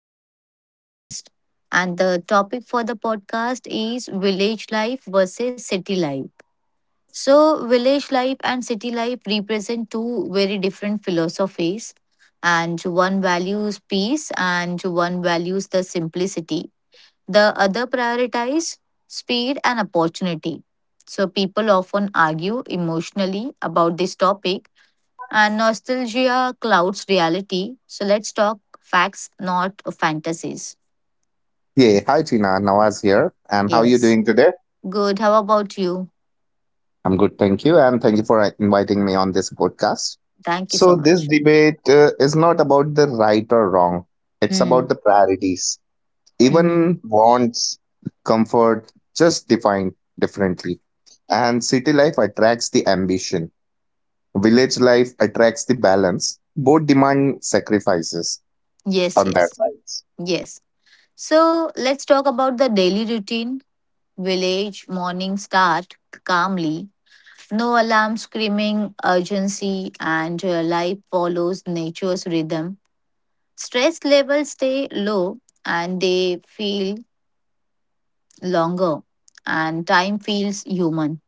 to this podcast. And the topic for the podcast is village life versus city life. So, village life and city life represent two very different philosophies, and one values peace and one values the simplicity. The other prioritizes speed and opportunity. So, people often argue emotionally about this topic and nostalgia clouds reality. So let's talk facts, not fantasies. Yeah, hi Tina, Nawaz here. And how are you Yes. doing today? Good. How about you? I'm good, thank you. And thank you for inviting me on this podcast. Thank you so So, this much. debate is not about the right or wrong, it's Hmm. about the priorities. Mm-hmm. Even wants, comfort, just defined differently. And city life attracts the ambition, village life attracts the balance. Both demand sacrifices Yes, on their yes, sides. yes. So let's talk about the daily routine. Village morning start calmly, no alarm screaming, urgency, and life follows nature's rhythm. Stress levels stay low and they feel longer, and time feels human.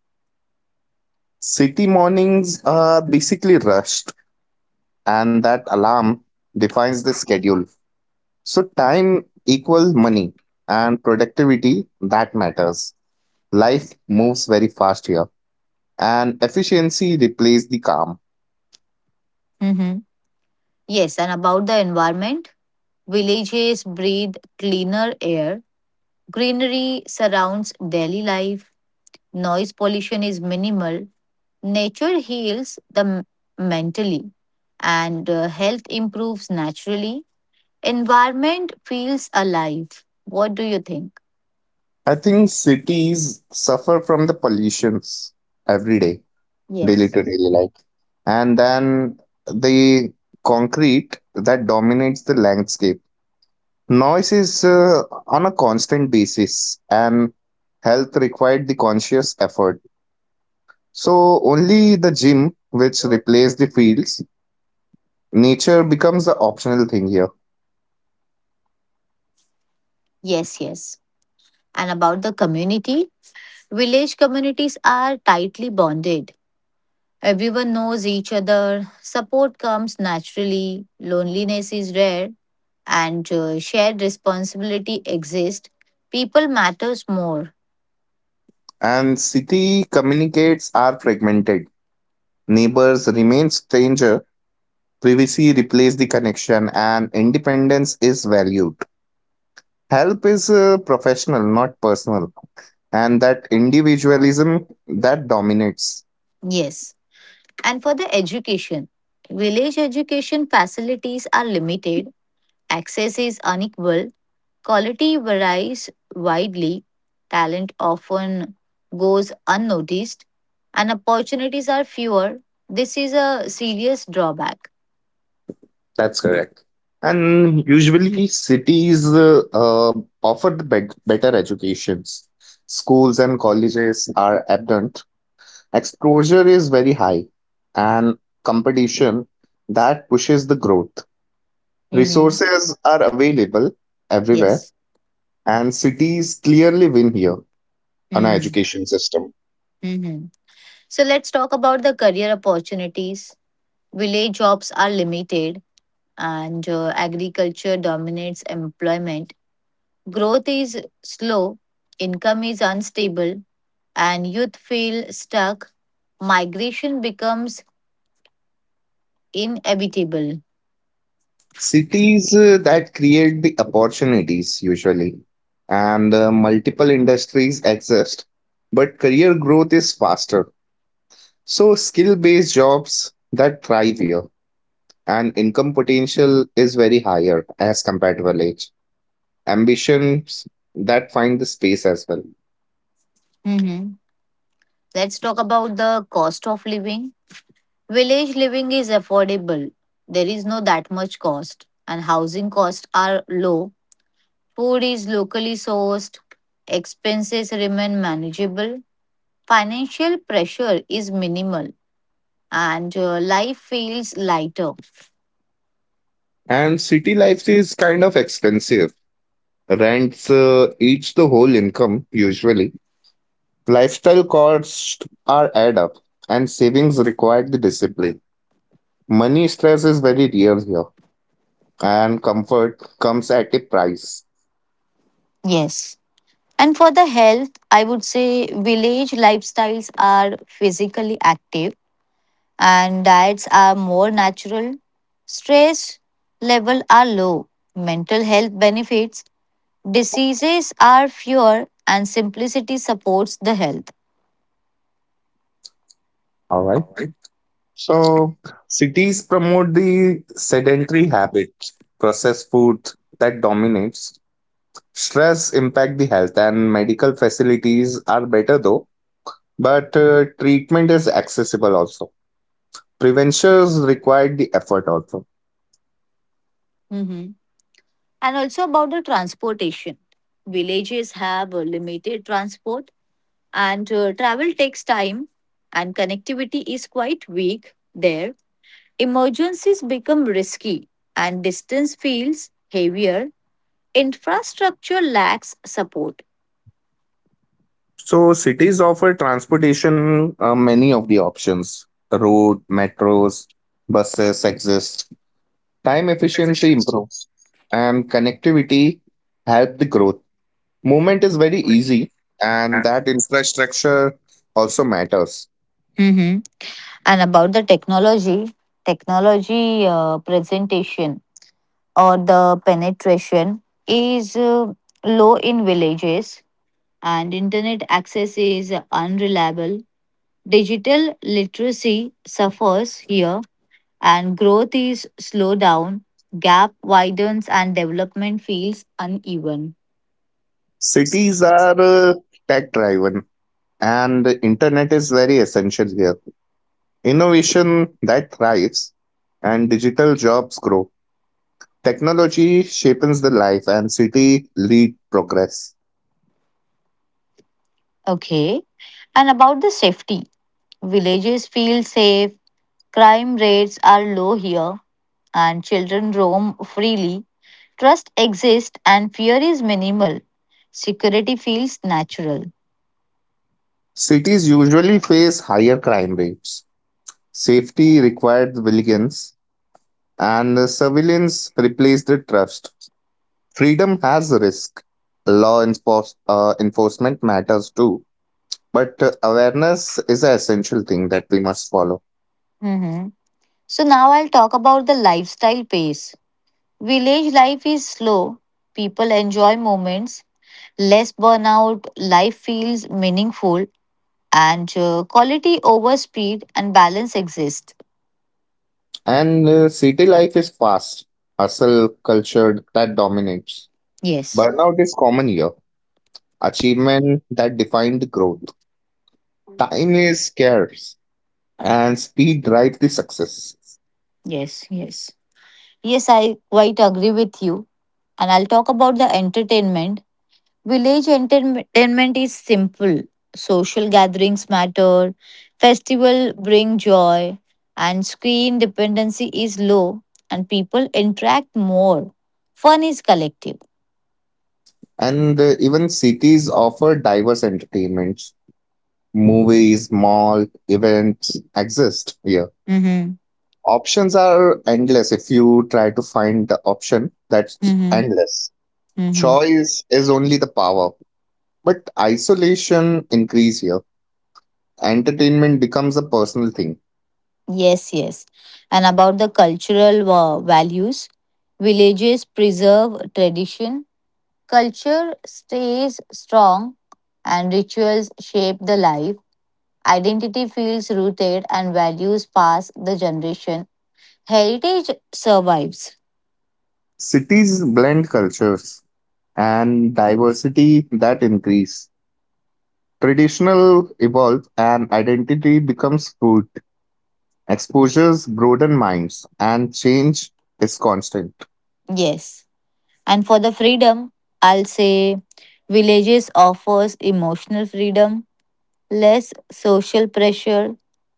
City mornings are basically rushed and that alarm defines the schedule. So time equals money and productivity that matters. Life moves very fast here and efficiency replaces the calm. Mhm. Yes, and about the environment, villages breathe cleaner air, greenery surrounds daily life, noise pollution is minimal, nature heals the mentally, and health improves naturally. Environment feels alive. What do you think? I think cities suffer from the pollutions every day, daily Yes. to daily life. And then the concrete that dominates the landscape. Noise is on a constant basis, and health required the conscious effort. So only the gym which replace the fields, nature becomes the optional thing here. Yes, yes. And about the community, village communities are tightly bonded. Everyone knows each other, support comes naturally, loneliness is rare, and shared responsibility exists. People matters more. And city communicates are fragmented. Neighbors remain stranger. Privacy replace the connection and independence is valued. Help is professional, not personal. And that individualism that dominates. Yes. And for the education, village education facilities are limited, access is unequal, quality varies widely, talent often goes unnoticed, and opportunities are fewer. This is a serious drawback. That's correct. And usually cities offer the better educations. Schools and colleges are abundant. Exposure is very high and competition that pushes the growth. Mhm. Resources are available everywhere Yes. and cities clearly win here on our Hmm. education system. Hmm. So let's talk about the career opportunities. Village jobs are limited and agriculture dominates employment. Growth is slow, income is unstable, and youth feel stuck. Migration becomes inevitable. Cities that create the opportunities usually, and multiple industries exist, but career growth is faster. So, skill based jobs that thrive here, and income potential is very higher as compared to village. Ambitions that find the space as well. Mhm. Let's talk about the cost of living. Village living is affordable. There is no that much cost, and housing costs are low. Food is locally sourced, expenses remain manageable, financial pressure is minimal, and life feels lighter. And city life is kind of expensive. Rents eats the whole income usually. Lifestyle costs are add up, and savings require the discipline. Money stress is very real here, and comfort comes at a price. Yes. And for the health, I would say village lifestyles are physically active and diets are more natural. Stress level are low. Mental health benefits, diseases are fewer and simplicity supports the health. All right. So cities promote the sedentary habit, processed food that dominates. Stress impact the health, and medical facilities are better though, but treatment is accessible also. Preventions require the effort also. And also about the transportation. Villages have a limited transport and travel takes time and connectivity is quite weak there. Emergencies become risky and distance feels heavier. Infrastructure lacks support. So cities offer transportation many of the options. Road, metros, buses exist. Time efficiency improves and connectivity help the growth. Movement is very easy and that infrastructure also matters. Mhm. And about the technology, technology presentation or the penetration is low in villages and internet access is unreliable. Digital literacy suffers here and growth is slowed down, gap widens and development feels uneven. Cities are tech driven and the internet is very essential here. Innovation that thrives and digital jobs grow. Technology shapes the life and city lead progress. Okay. And about the safety, villages feel safe, crime rates are low here, and children roam freely. Trust exists and fear is minimal. Security feels natural. Cities usually face higher crime rates. Safety required vigilance, and surveillance replaced the trust. Freedom has risk. Law enforcement matters too. But awareness is an essential thing that we must follow. Mhm. So now I'll talk about the lifestyle pace. Village life is slow. People enjoy moments, less burnout, life feels meaningful, and quality over speed and balance exist. And city life is fast, hustle culture that dominates. Yes, Burnout is common here. Achievement that defined growth. Time is scarce and speed drives the success. yes, yes. Yes, I quite agree with you. And I'll talk about the entertainment. Village entertainment is simple. Social gatherings matter, festival bring joy, and screen dependency is low, and people interact more. Fun is collective. And even cities offer diverse entertainments. Movies, mall, events exist here. Mm-hmm. Options are endless if you try to find the option that's endless. Mm-hmm. Choice is only the power, but isolation increase here. Entertainment becomes a personal thing. Yes, yes. And about the cultural values, villages preserve tradition, culture stays strong, and rituals shape the life. Identity feels rooted, and values pass the generation. Heritage survives. Cities blend cultures and diversity that increase. Traditional evolve and identity becomes fluid. Exposures broaden minds and change is constant. Yes. And for the freedom, I'll say villages offers emotional freedom, less social pressure.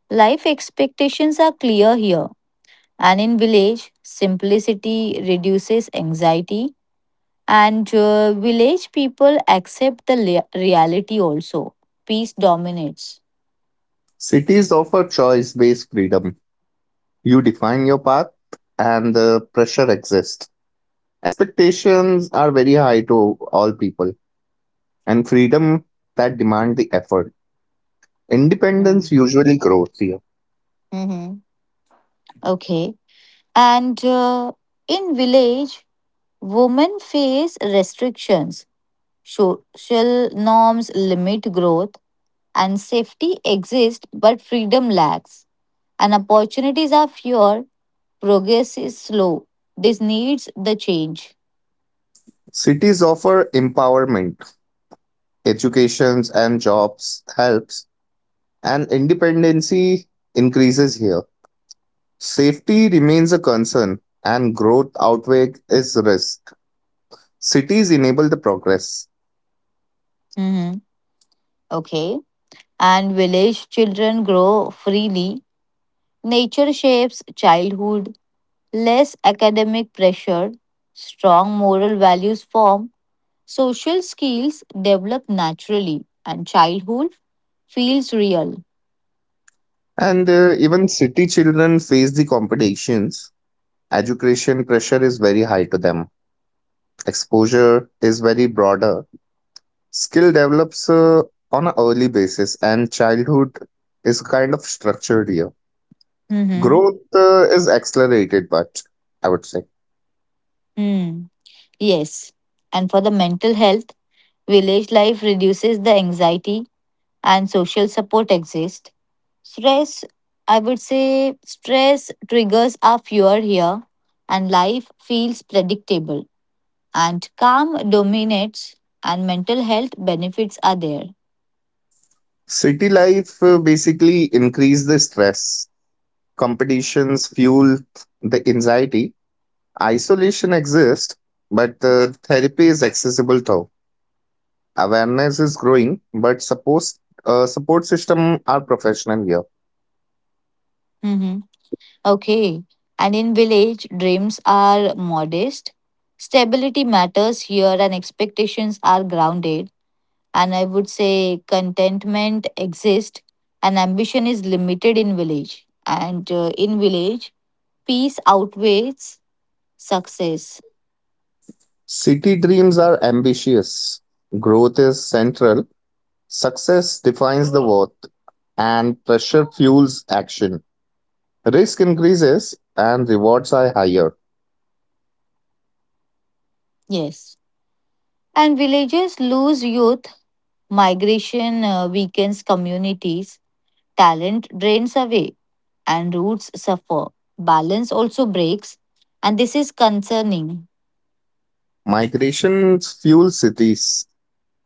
Life expectations are clear here. And in village, simplicity reduces anxiety, and village people accept the reality also. Peace dominates. Cities offer choice-based freedom. You define your path and the pressure exists. Expectations are very high to all people and freedom that demand the effort. Independence Mm. usually grows here. Hmm. Okay. And in village, women face restrictions. Social norms limit growth, and safety exists, but freedom lacks. And opportunities are fewer, progress is slow. This needs the change. Cities offer empowerment. Educations and jobs helps, and independency increases here. Safety remains a concern, and growth outweighs its risk. Cities enable the progress. Mhm. Okay? And village children grow freely. Nature shapes childhood, less academic pressure, strong moral values form, social skills develop naturally, and childhood feels real. And even city children face the competitions. Education pressure is very high to them. Exposure is very broader. Skill develops on an early basis, and childhood is kind of structured here. Mm-hmm. Growth is accelerated, but I would say. Mm. Yes. And for the mental health, village life reduces the anxiety and social support exists. Stress, I would say, stress triggers are fewer here, and life feels predictable. And calm dominates, and mental health benefits are there. City life basically increase the stress, competitions fuel the anxiety, isolation exists, but therapy is accessible though. Awareness is growing, but suppose support system are professional here. Mhm. Okay. And in village, dreams are modest. Stability matters here, and expectations are grounded. And I would say contentment exists, and ambition is limited in village. And in village, peace outweighs success. City dreams are ambitious. Growth is central. Success defines the worth, and pressure fuels action. Risk increases, and rewards are higher. Yes. And villages lose youth, migration weakens communities, talent drains away, and roots suffer. Balance also breaks, and this is concerning. Migration fuels cities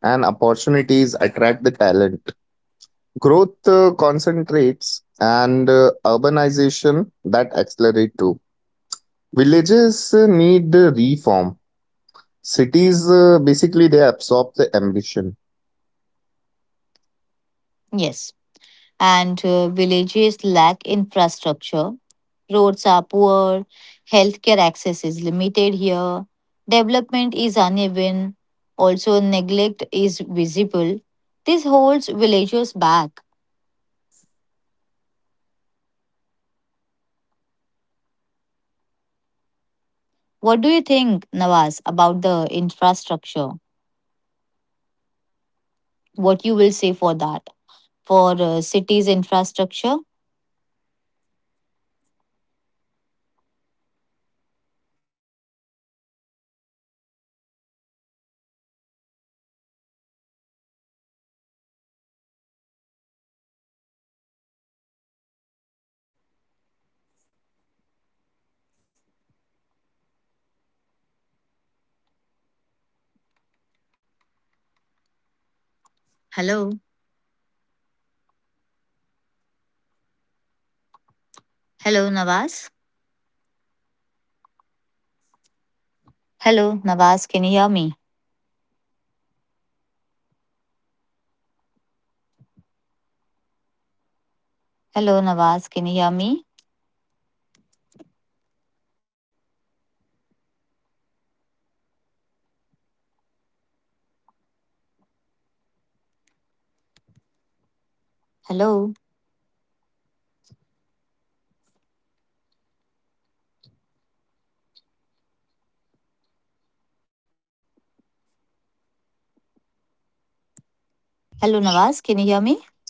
and opportunities attract the talent. Growth concentrates, and urbanization that accelerate too. Villages need reform. Cities basically they absorb the ambition. Yes. And villages lack infrastructure, roads are poor, healthcare access is limited here, development is uneven, also neglect is visible. This holds villagers back. What do you think, Nawaz, about the infrastructure? What you will say for that? For cities infrastructure? Yes, Nawaz. Hello. Hello, Nawaz. Hello, Nawaz, can you hear me? Hello, Nawaz, can you hear me? Hello. Hello, Nawaz, can you hear me?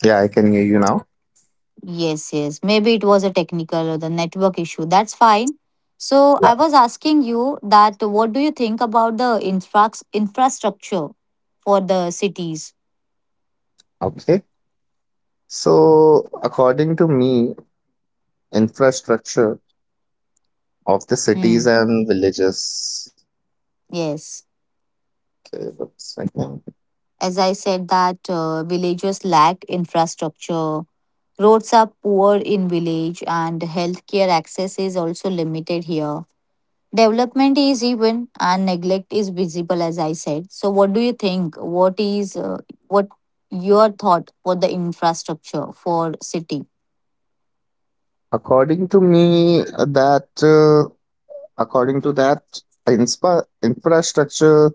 Yeah, I can hear you now. Yes, yes. Maybe it was a technical or the network issue. That's fine. So I Yeah. was asking you that what do you think about the infrastructure for the cities? Okay. So, according to me, infrastructure of the cities Hmm. and villages. Yes. Okay, one second. As I said, that villagers lack infrastructure. Roads are poor in village, and healthcare access is also limited here. Development is even, and neglect is visible, as I said. So, what do you think? What your thought for the infrastructure for city? According to me, that according to that infrastructure,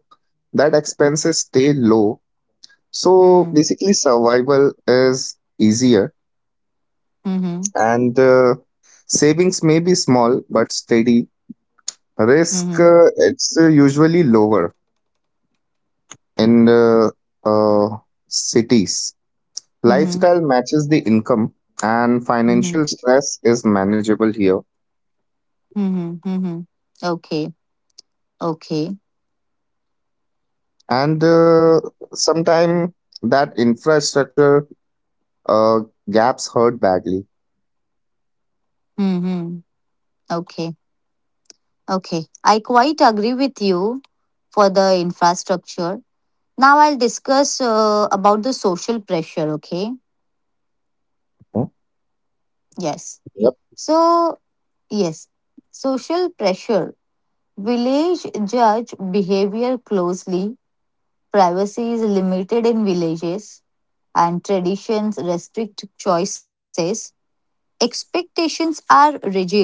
that expenses stay low. So Mm. basically, survival is easier, Mm-hmm. and savings may be small but steady. Risk Mm-hmm. It's usually lower in the uh, cities. Mm-hmm. Lifestyle matches the income, and financial Mm-hmm. stress is manageable here. Mm-hmm. Mm-hmm. Okay. Okay. And sometimes that infrastructure uh, gaps hurt badly. Mm-hmm. Okay. Okay, I quite agree with you for the infrastructure. Now I'll discuss about the social pressure, okay? Hmm. Yes. Yep. So, yes, social pressure. Village judge behavior closely. Privacy is limited in villages and traditions restrict choices. Expectations are rigid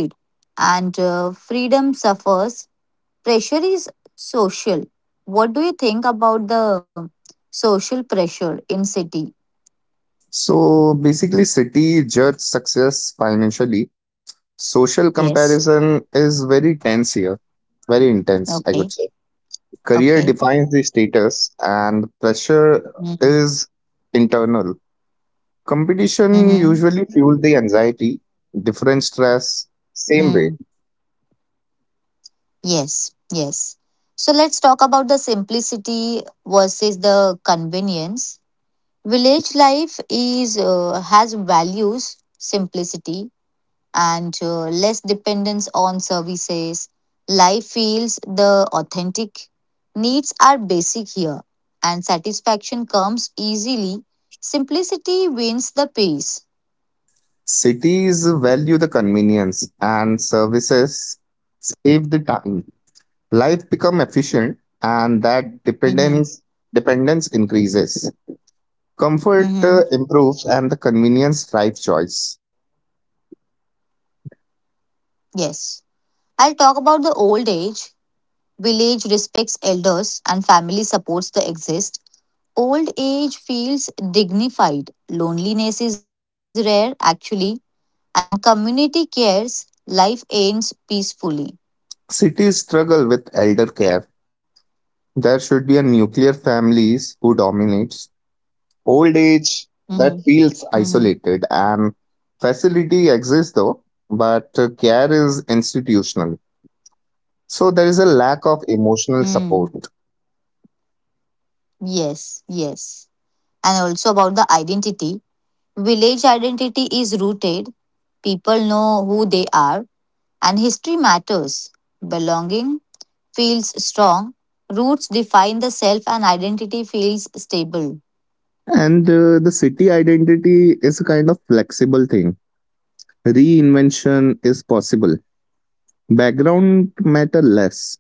and freedom suffers. Pressure is social. What do you think about the social pressure in city? So basically, city judge success financially. Social Yes. comparison is very tense here, very intense, I would say. Okay. Career defines Okay. the status, and pressure Mm. is internal. Competition Mm-hmm. usually fuels the anxiety, different stress, Mm. same way. Yes. Yes. So let's talk about the simplicity versus the convenience. Village life is has values simplicity and less dependence on services. Life feels the authentic. Needs are basic here, and satisfaction comes easily. Simplicity wins the pace. Cities value the convenience and services save the time. Life become efficient and that dependence Mm-hmm. dependence increases. Comfort Mm-hmm. improves and the convenience drives choice. Yes. I'll talk about the old age. Village respects elders and family supports the exist. Old age feels dignified. Loneliness is rare, actually, and community cares. Life ends peacefully. Cities struggle with elder care. There should be a nuclear families who dominates. Old Mm-hmm. age that Mm-hmm. feels isolated and facility exists though, but care is institutional. So there is a lack of emotional Mm. support. Yes, yes. And also about the identity. Village identity is rooted. People know who they are, and history matters. Belonging feels strong. Roots define the self, and identity feels stable. And the city identity is a kind of flexible thing. Reinvention is possible. Background matter less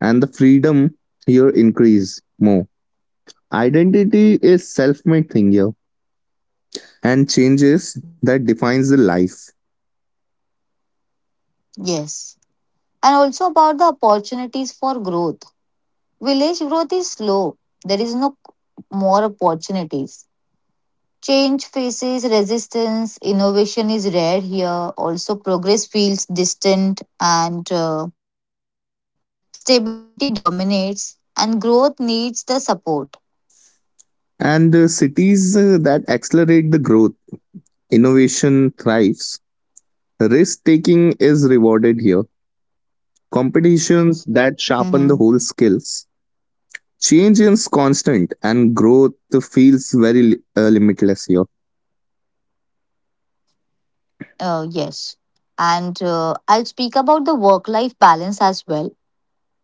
and the freedom here increase more. Identity is self-made thing here and changes that defines the life. Yes. And also about the opportunities for growth. Village growth is slow, there is no more opportunities. Change faces resistance, innovation is rare here, also, progress feels distant, and stability dominates, and growth needs the support. And the cities that accelerate the growth. Innovation thrives. Risk taking is rewarded here. Competitions Mm-hmm. that sharpen the whole skills. Change is constant, and growth feels very limitless here. Yes. And I'll speak about the work life balance as well.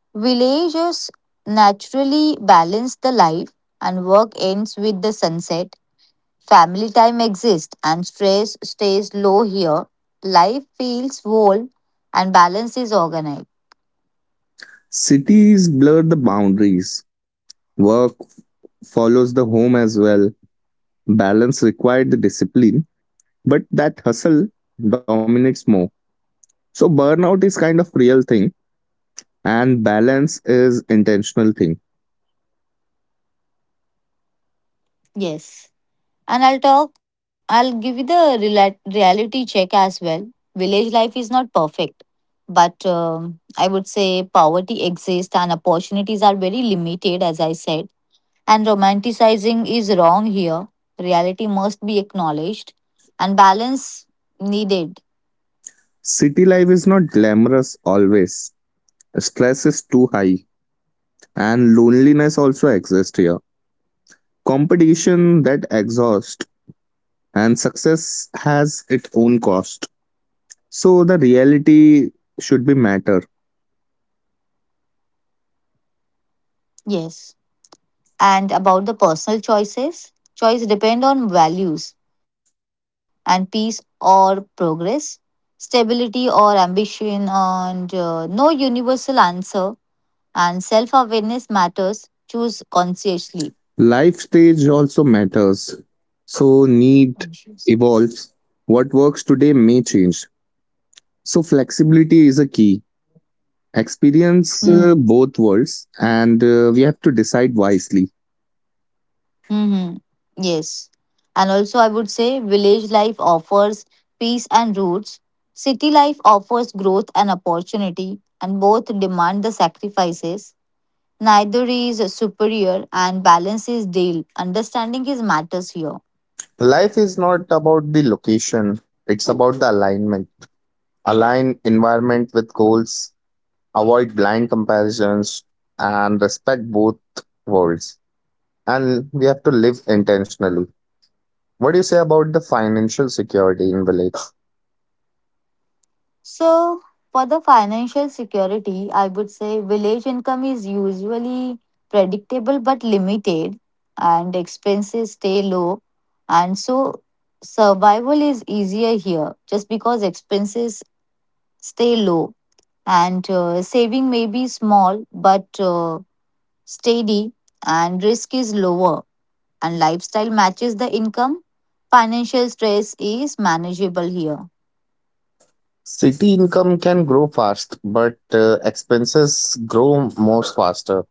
Villages naturally balance the life, and work ends with the sunset. Family time exists, and stress stays low here. Life feels whole, and balance is organized. Cities blur the boundaries. Work follows the home as well. Balance required the discipline, but that hustle dominates more. So burnout is kind of real thing, and balance is intentional thing. Yes. And I'll give you the reality check as well. Village life is not perfect, but I would say poverty exists and opportunities are very limited, as I said. And romanticizing is wrong here. Reality must be acknowledged and balance needed. City life is not glamorous always. Stress is too high, and loneliness also exists here. Competition that exhausts, and success has its own cost. So the reality should be matter. Yes. And about the personal choices. Choice depend on values and peace or progress, stability or ambition, and no universal answer. And self awareness matters. Choose consciously. Life stage also matters, so need Conscious. evolves. What works today may change. So flexibility is a key. Experience Hmm. both worlds, and we have to decide wisely. Mm-hmm. Yes. And also, I would say village life offers peace and roots. City life offers growth and opportunity, and both demand the sacrifices. Neither is superior and balance is deal. Understanding is matters here. Life is not about the location, it's about the alignment. Align environment with goals, avoid blind comparisons, and respect both worlds. And we have to live intentionally. What do you say about the financial security in village? So for the financial security, I would say village income is usually predictable but limited and expenses stay low and so survival is easier here just because expenses stay low and saving may be small but steady and risk is lower and lifestyle matches the income, financial stress is manageable here. City income can grow fast, but expenses grow most faster.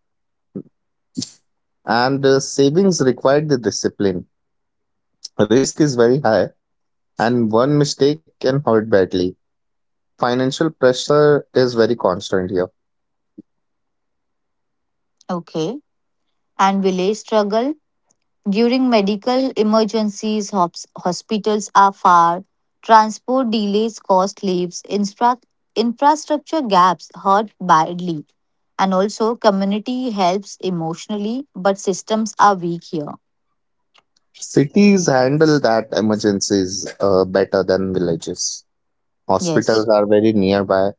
And savings require the discipline. Risk is very high and one mistake can hurt badly. Financial pressure is very constant here. Okay. And village struggle during medical emergencies, hospitals are far, transport delays cost lives, infrastructure gaps hurt badly. And also, community helps emotionally, but systems are weak here. Cities handle that emergencies better than villages. Hospitals Yes, are very nearby.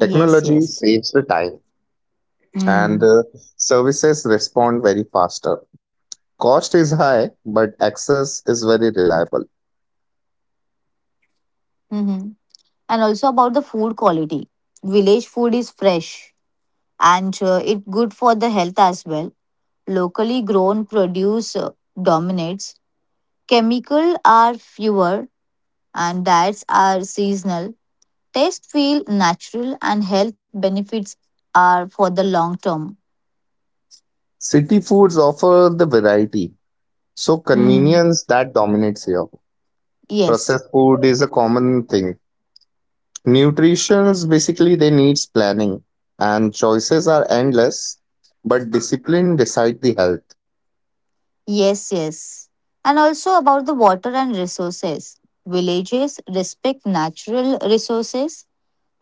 yes, yes. saves the time, and Mm. Services respond very faster. Cost is high, but access is very reliable. Hmm. Mm-hmm. And also about the food quality. Village food is fresh, and it good for the health as well. Locally grown produce dominates. Chemical are fewer and diets are seasonal. Taste feel natural and health benefits are for the long term. City foods offer the variety, so Hmm. convenience that dominates here. Yes. Processed food is a common thing. Nutrition's basically they needs planning, and choices are endless, but discipline decide the health. Yes, yes. And also about the water and resources. Villages respect natural resources.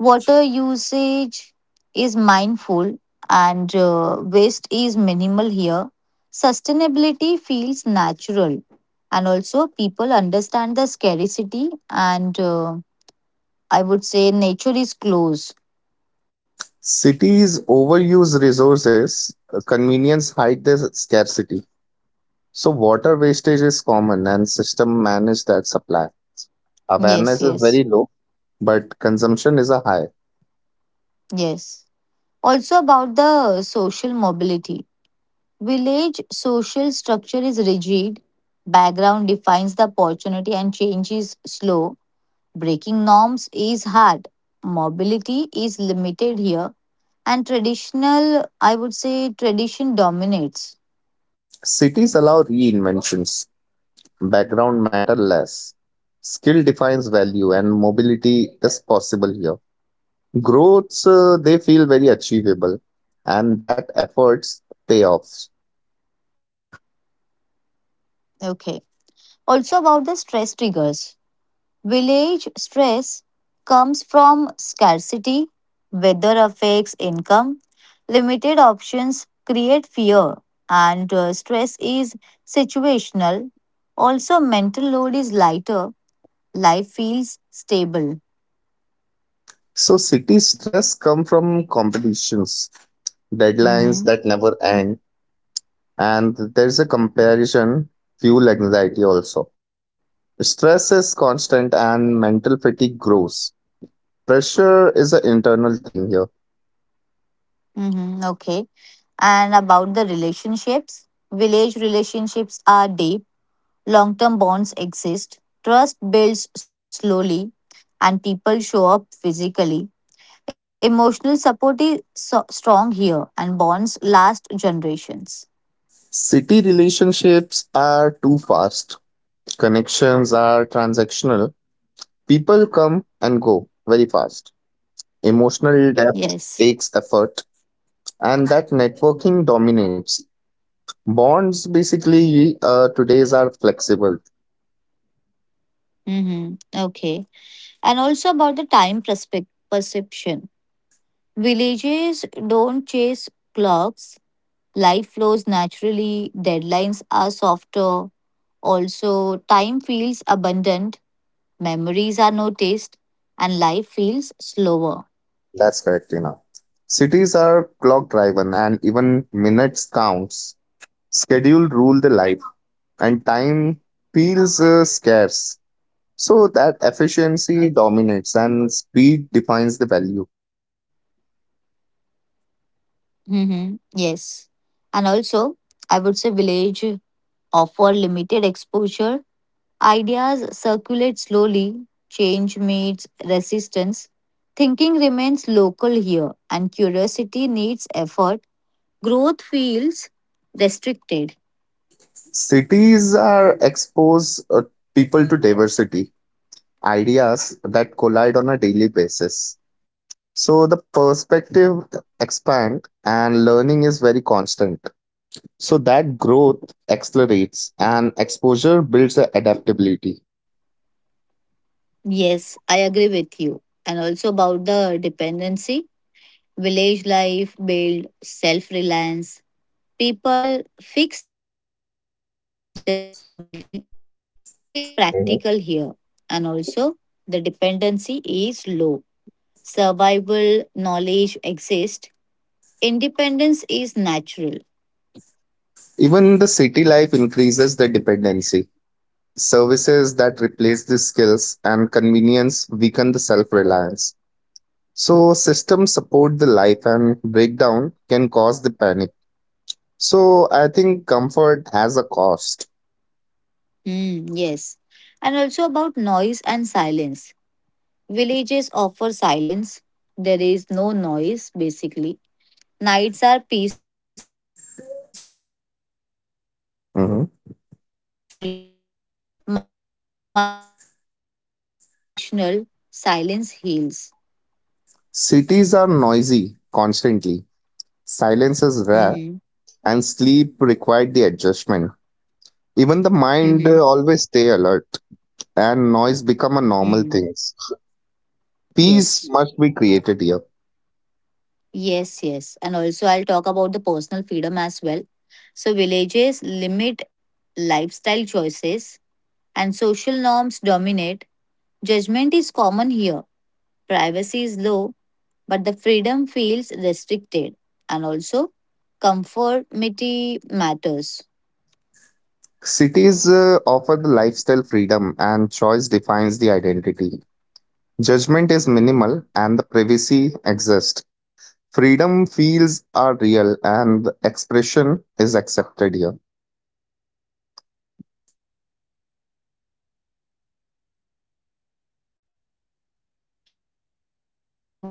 Water usage is mindful and waste is minimal here. Sustainability feels natural, and also people understand the scarcity, and I would say nature is close. Cities overuse resources, convenience hide the scarcity. So water wastage is common and system manage that supply. Yes, Awareness is yes, very low, but consumption is a high. yes. Also, about the social mobility. Village social structure is rigid, background defines the opportunity, and change is slow. Breaking norms is hard. Mobility is limited here, and traditional, I would say, tradition dominates. Cities allow reinventions, background matter less. Skill defines value and mobility is possible here. Growths, they feel very achievable, and that efforts pay off. Okay. Also, about the stress triggers. Village stress comes from scarcity, weather affects income, limited options create fear, and stress is situational. Also, mental load is lighter, life feels stable. So city stress come from competitions, deadlines Mm-hmm. that never end, and there's a comparison fuel anxiety also. Stress is constant and mental fatigue grows. Pressure is an internal thing here. Mm-hmm. Okay. And about the relationships, village relationships are deep, long term bonds exist, trust builds slowly, and people show up physically. Emotional support is so strong here, and bonds last generations. City relationships are too fast. Connections are transactional. People come and go very fast. Emotional depth Yes. takes effort, and that networking dominates. Bonds basically today's are flexible. Mm-hmm. Okay. And also about the time perception. Villages don't chase clocks. Life flows naturally. Deadlines are softer. Also, time feels abundant, memories are noticed, and life feels slower. That's correct, Tina. Cities are clock driven, and even minutes counts. Schedule rule the life, and time feels scarce. So that efficiency dominates, and speed defines the value. Hmm. Yes. And also, I would say village offer limited exposure. Ideas circulate slowly, change meets resistance. Thinking remains local here, and curiosity needs effort. Growth feels restricted. Cities are expose people to diversity, ideas that collide on a daily basis. So the perspective expand and learning is very constant. So that growth Hmm. accelerates and exposure builds the adaptability. Yes, I agree with you. And also about the dependency, village life build self reliance. People fix things by themselves only. Skills are Mhm. practical here, and also the dependency is low. Survival knowledge exists. Independence is natural. Even the city life increases the dependency. Services that replace the skills and convenience weaken the self-reliance. So systems support the life and breakdown can cause the panic. So I think comfort has a cost. Hmm, yes. And also about noise and silence. Villages offer silence. There is no noise, basically. Nights are peaceful, and sleep improves Mhm. naturally. Mine feels calm and noise is occasional. Silence heals. Cities are noisy constantly. Silence is Mm-hmm. rare, and sleep required the adjustment. Even the Mm-hmm. mind always stay alert, and noise become a normal Mm. thing. Peace Yes. must be created here. Yes, yes. And also, I'll talk about the personal freedom as well. So, villages limit lifestyle choices and social norms dominate. Judgment is common here. Privacy is low, but the freedom feels restricted. And also, conformity matters. Cities offer the lifestyle freedom, and choice defines the identity. Judgment is minimal, and the privacy exists. Freedom feels are real and the expression is accepted here. Mm. And the last point I would like to discuss dreams versus reality.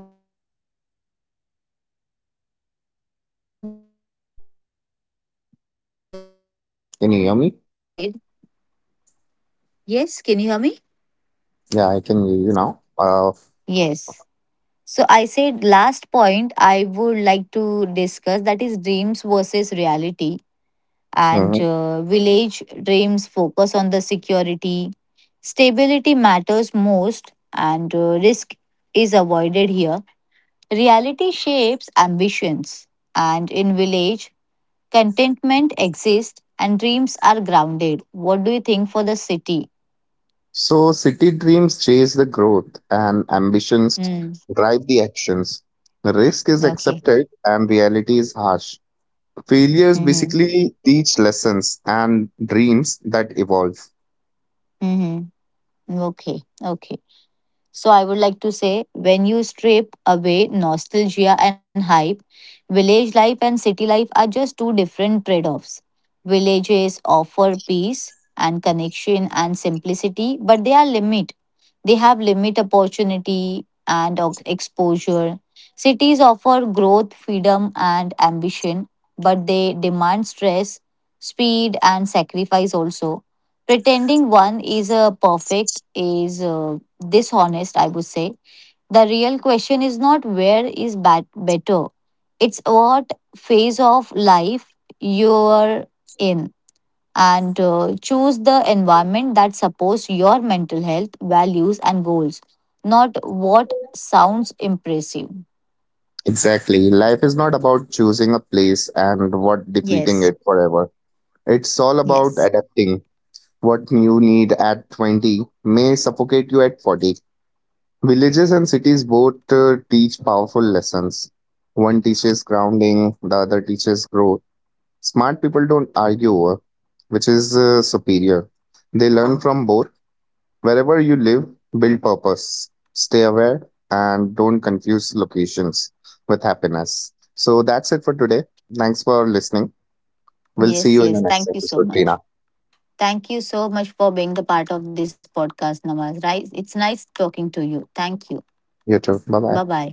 Village dreams focus on the security and stability matters most. Risk is Can you hear me? avoided. Yes, can you hear me? Yeah, I can hear you now. Yes. So I said last point I would like to discuss that is dreams versus reality. And Mhm. Village dreams focus on the security. Stability matters most, and risk is avoided here. Reality shapes ambitions, and in village, contentment exists and dreams are grounded. What do you think for the city? So, city dreams chase the growth and ambitions Mm, drive the actions. Risk is okay. accepted and reality is harsh. Failures Mm-hmm. basically teach lessons and dreams that evolve. Mm-hmm. Okay. Okay. So I would like to say when you strip away nostalgia and hype, village life and city life are just two different trade offs. Villages offer peace and connection and simplicity, but they are limited. They have limit opportunity and exposure. Cities offer growth, freedom, and ambition, but they demand stress, speed, and sacrifice also. Pretending one is a perfect is dishonest, I would say. The real question is not where is bad better. It's what phase of life you're in and choose the environment that supports your mental health, values, and goals, not what sounds impressive. Exactly. Life is not about choosing a place and what defeating Yes, it forever. It's all about yes, adapting. What you need at 20 may suffocate you at 40. Villages and cities both teach powerful lessons. One teaches grounding, the other teaches growth. Smart people don't argue over which is superior. They learn from both. Wherever you live, build purpose, stay aware, and don't confuse locations with happiness. So that's it for today. Thanks for listening. We'll see yes, you in the yes. next Thank you so episode, much. Tina. Thank you so much for being the part of this podcast, Nawaz. Right? It's nice talking to you. Thank you. You too. Bye Bye bye. bye.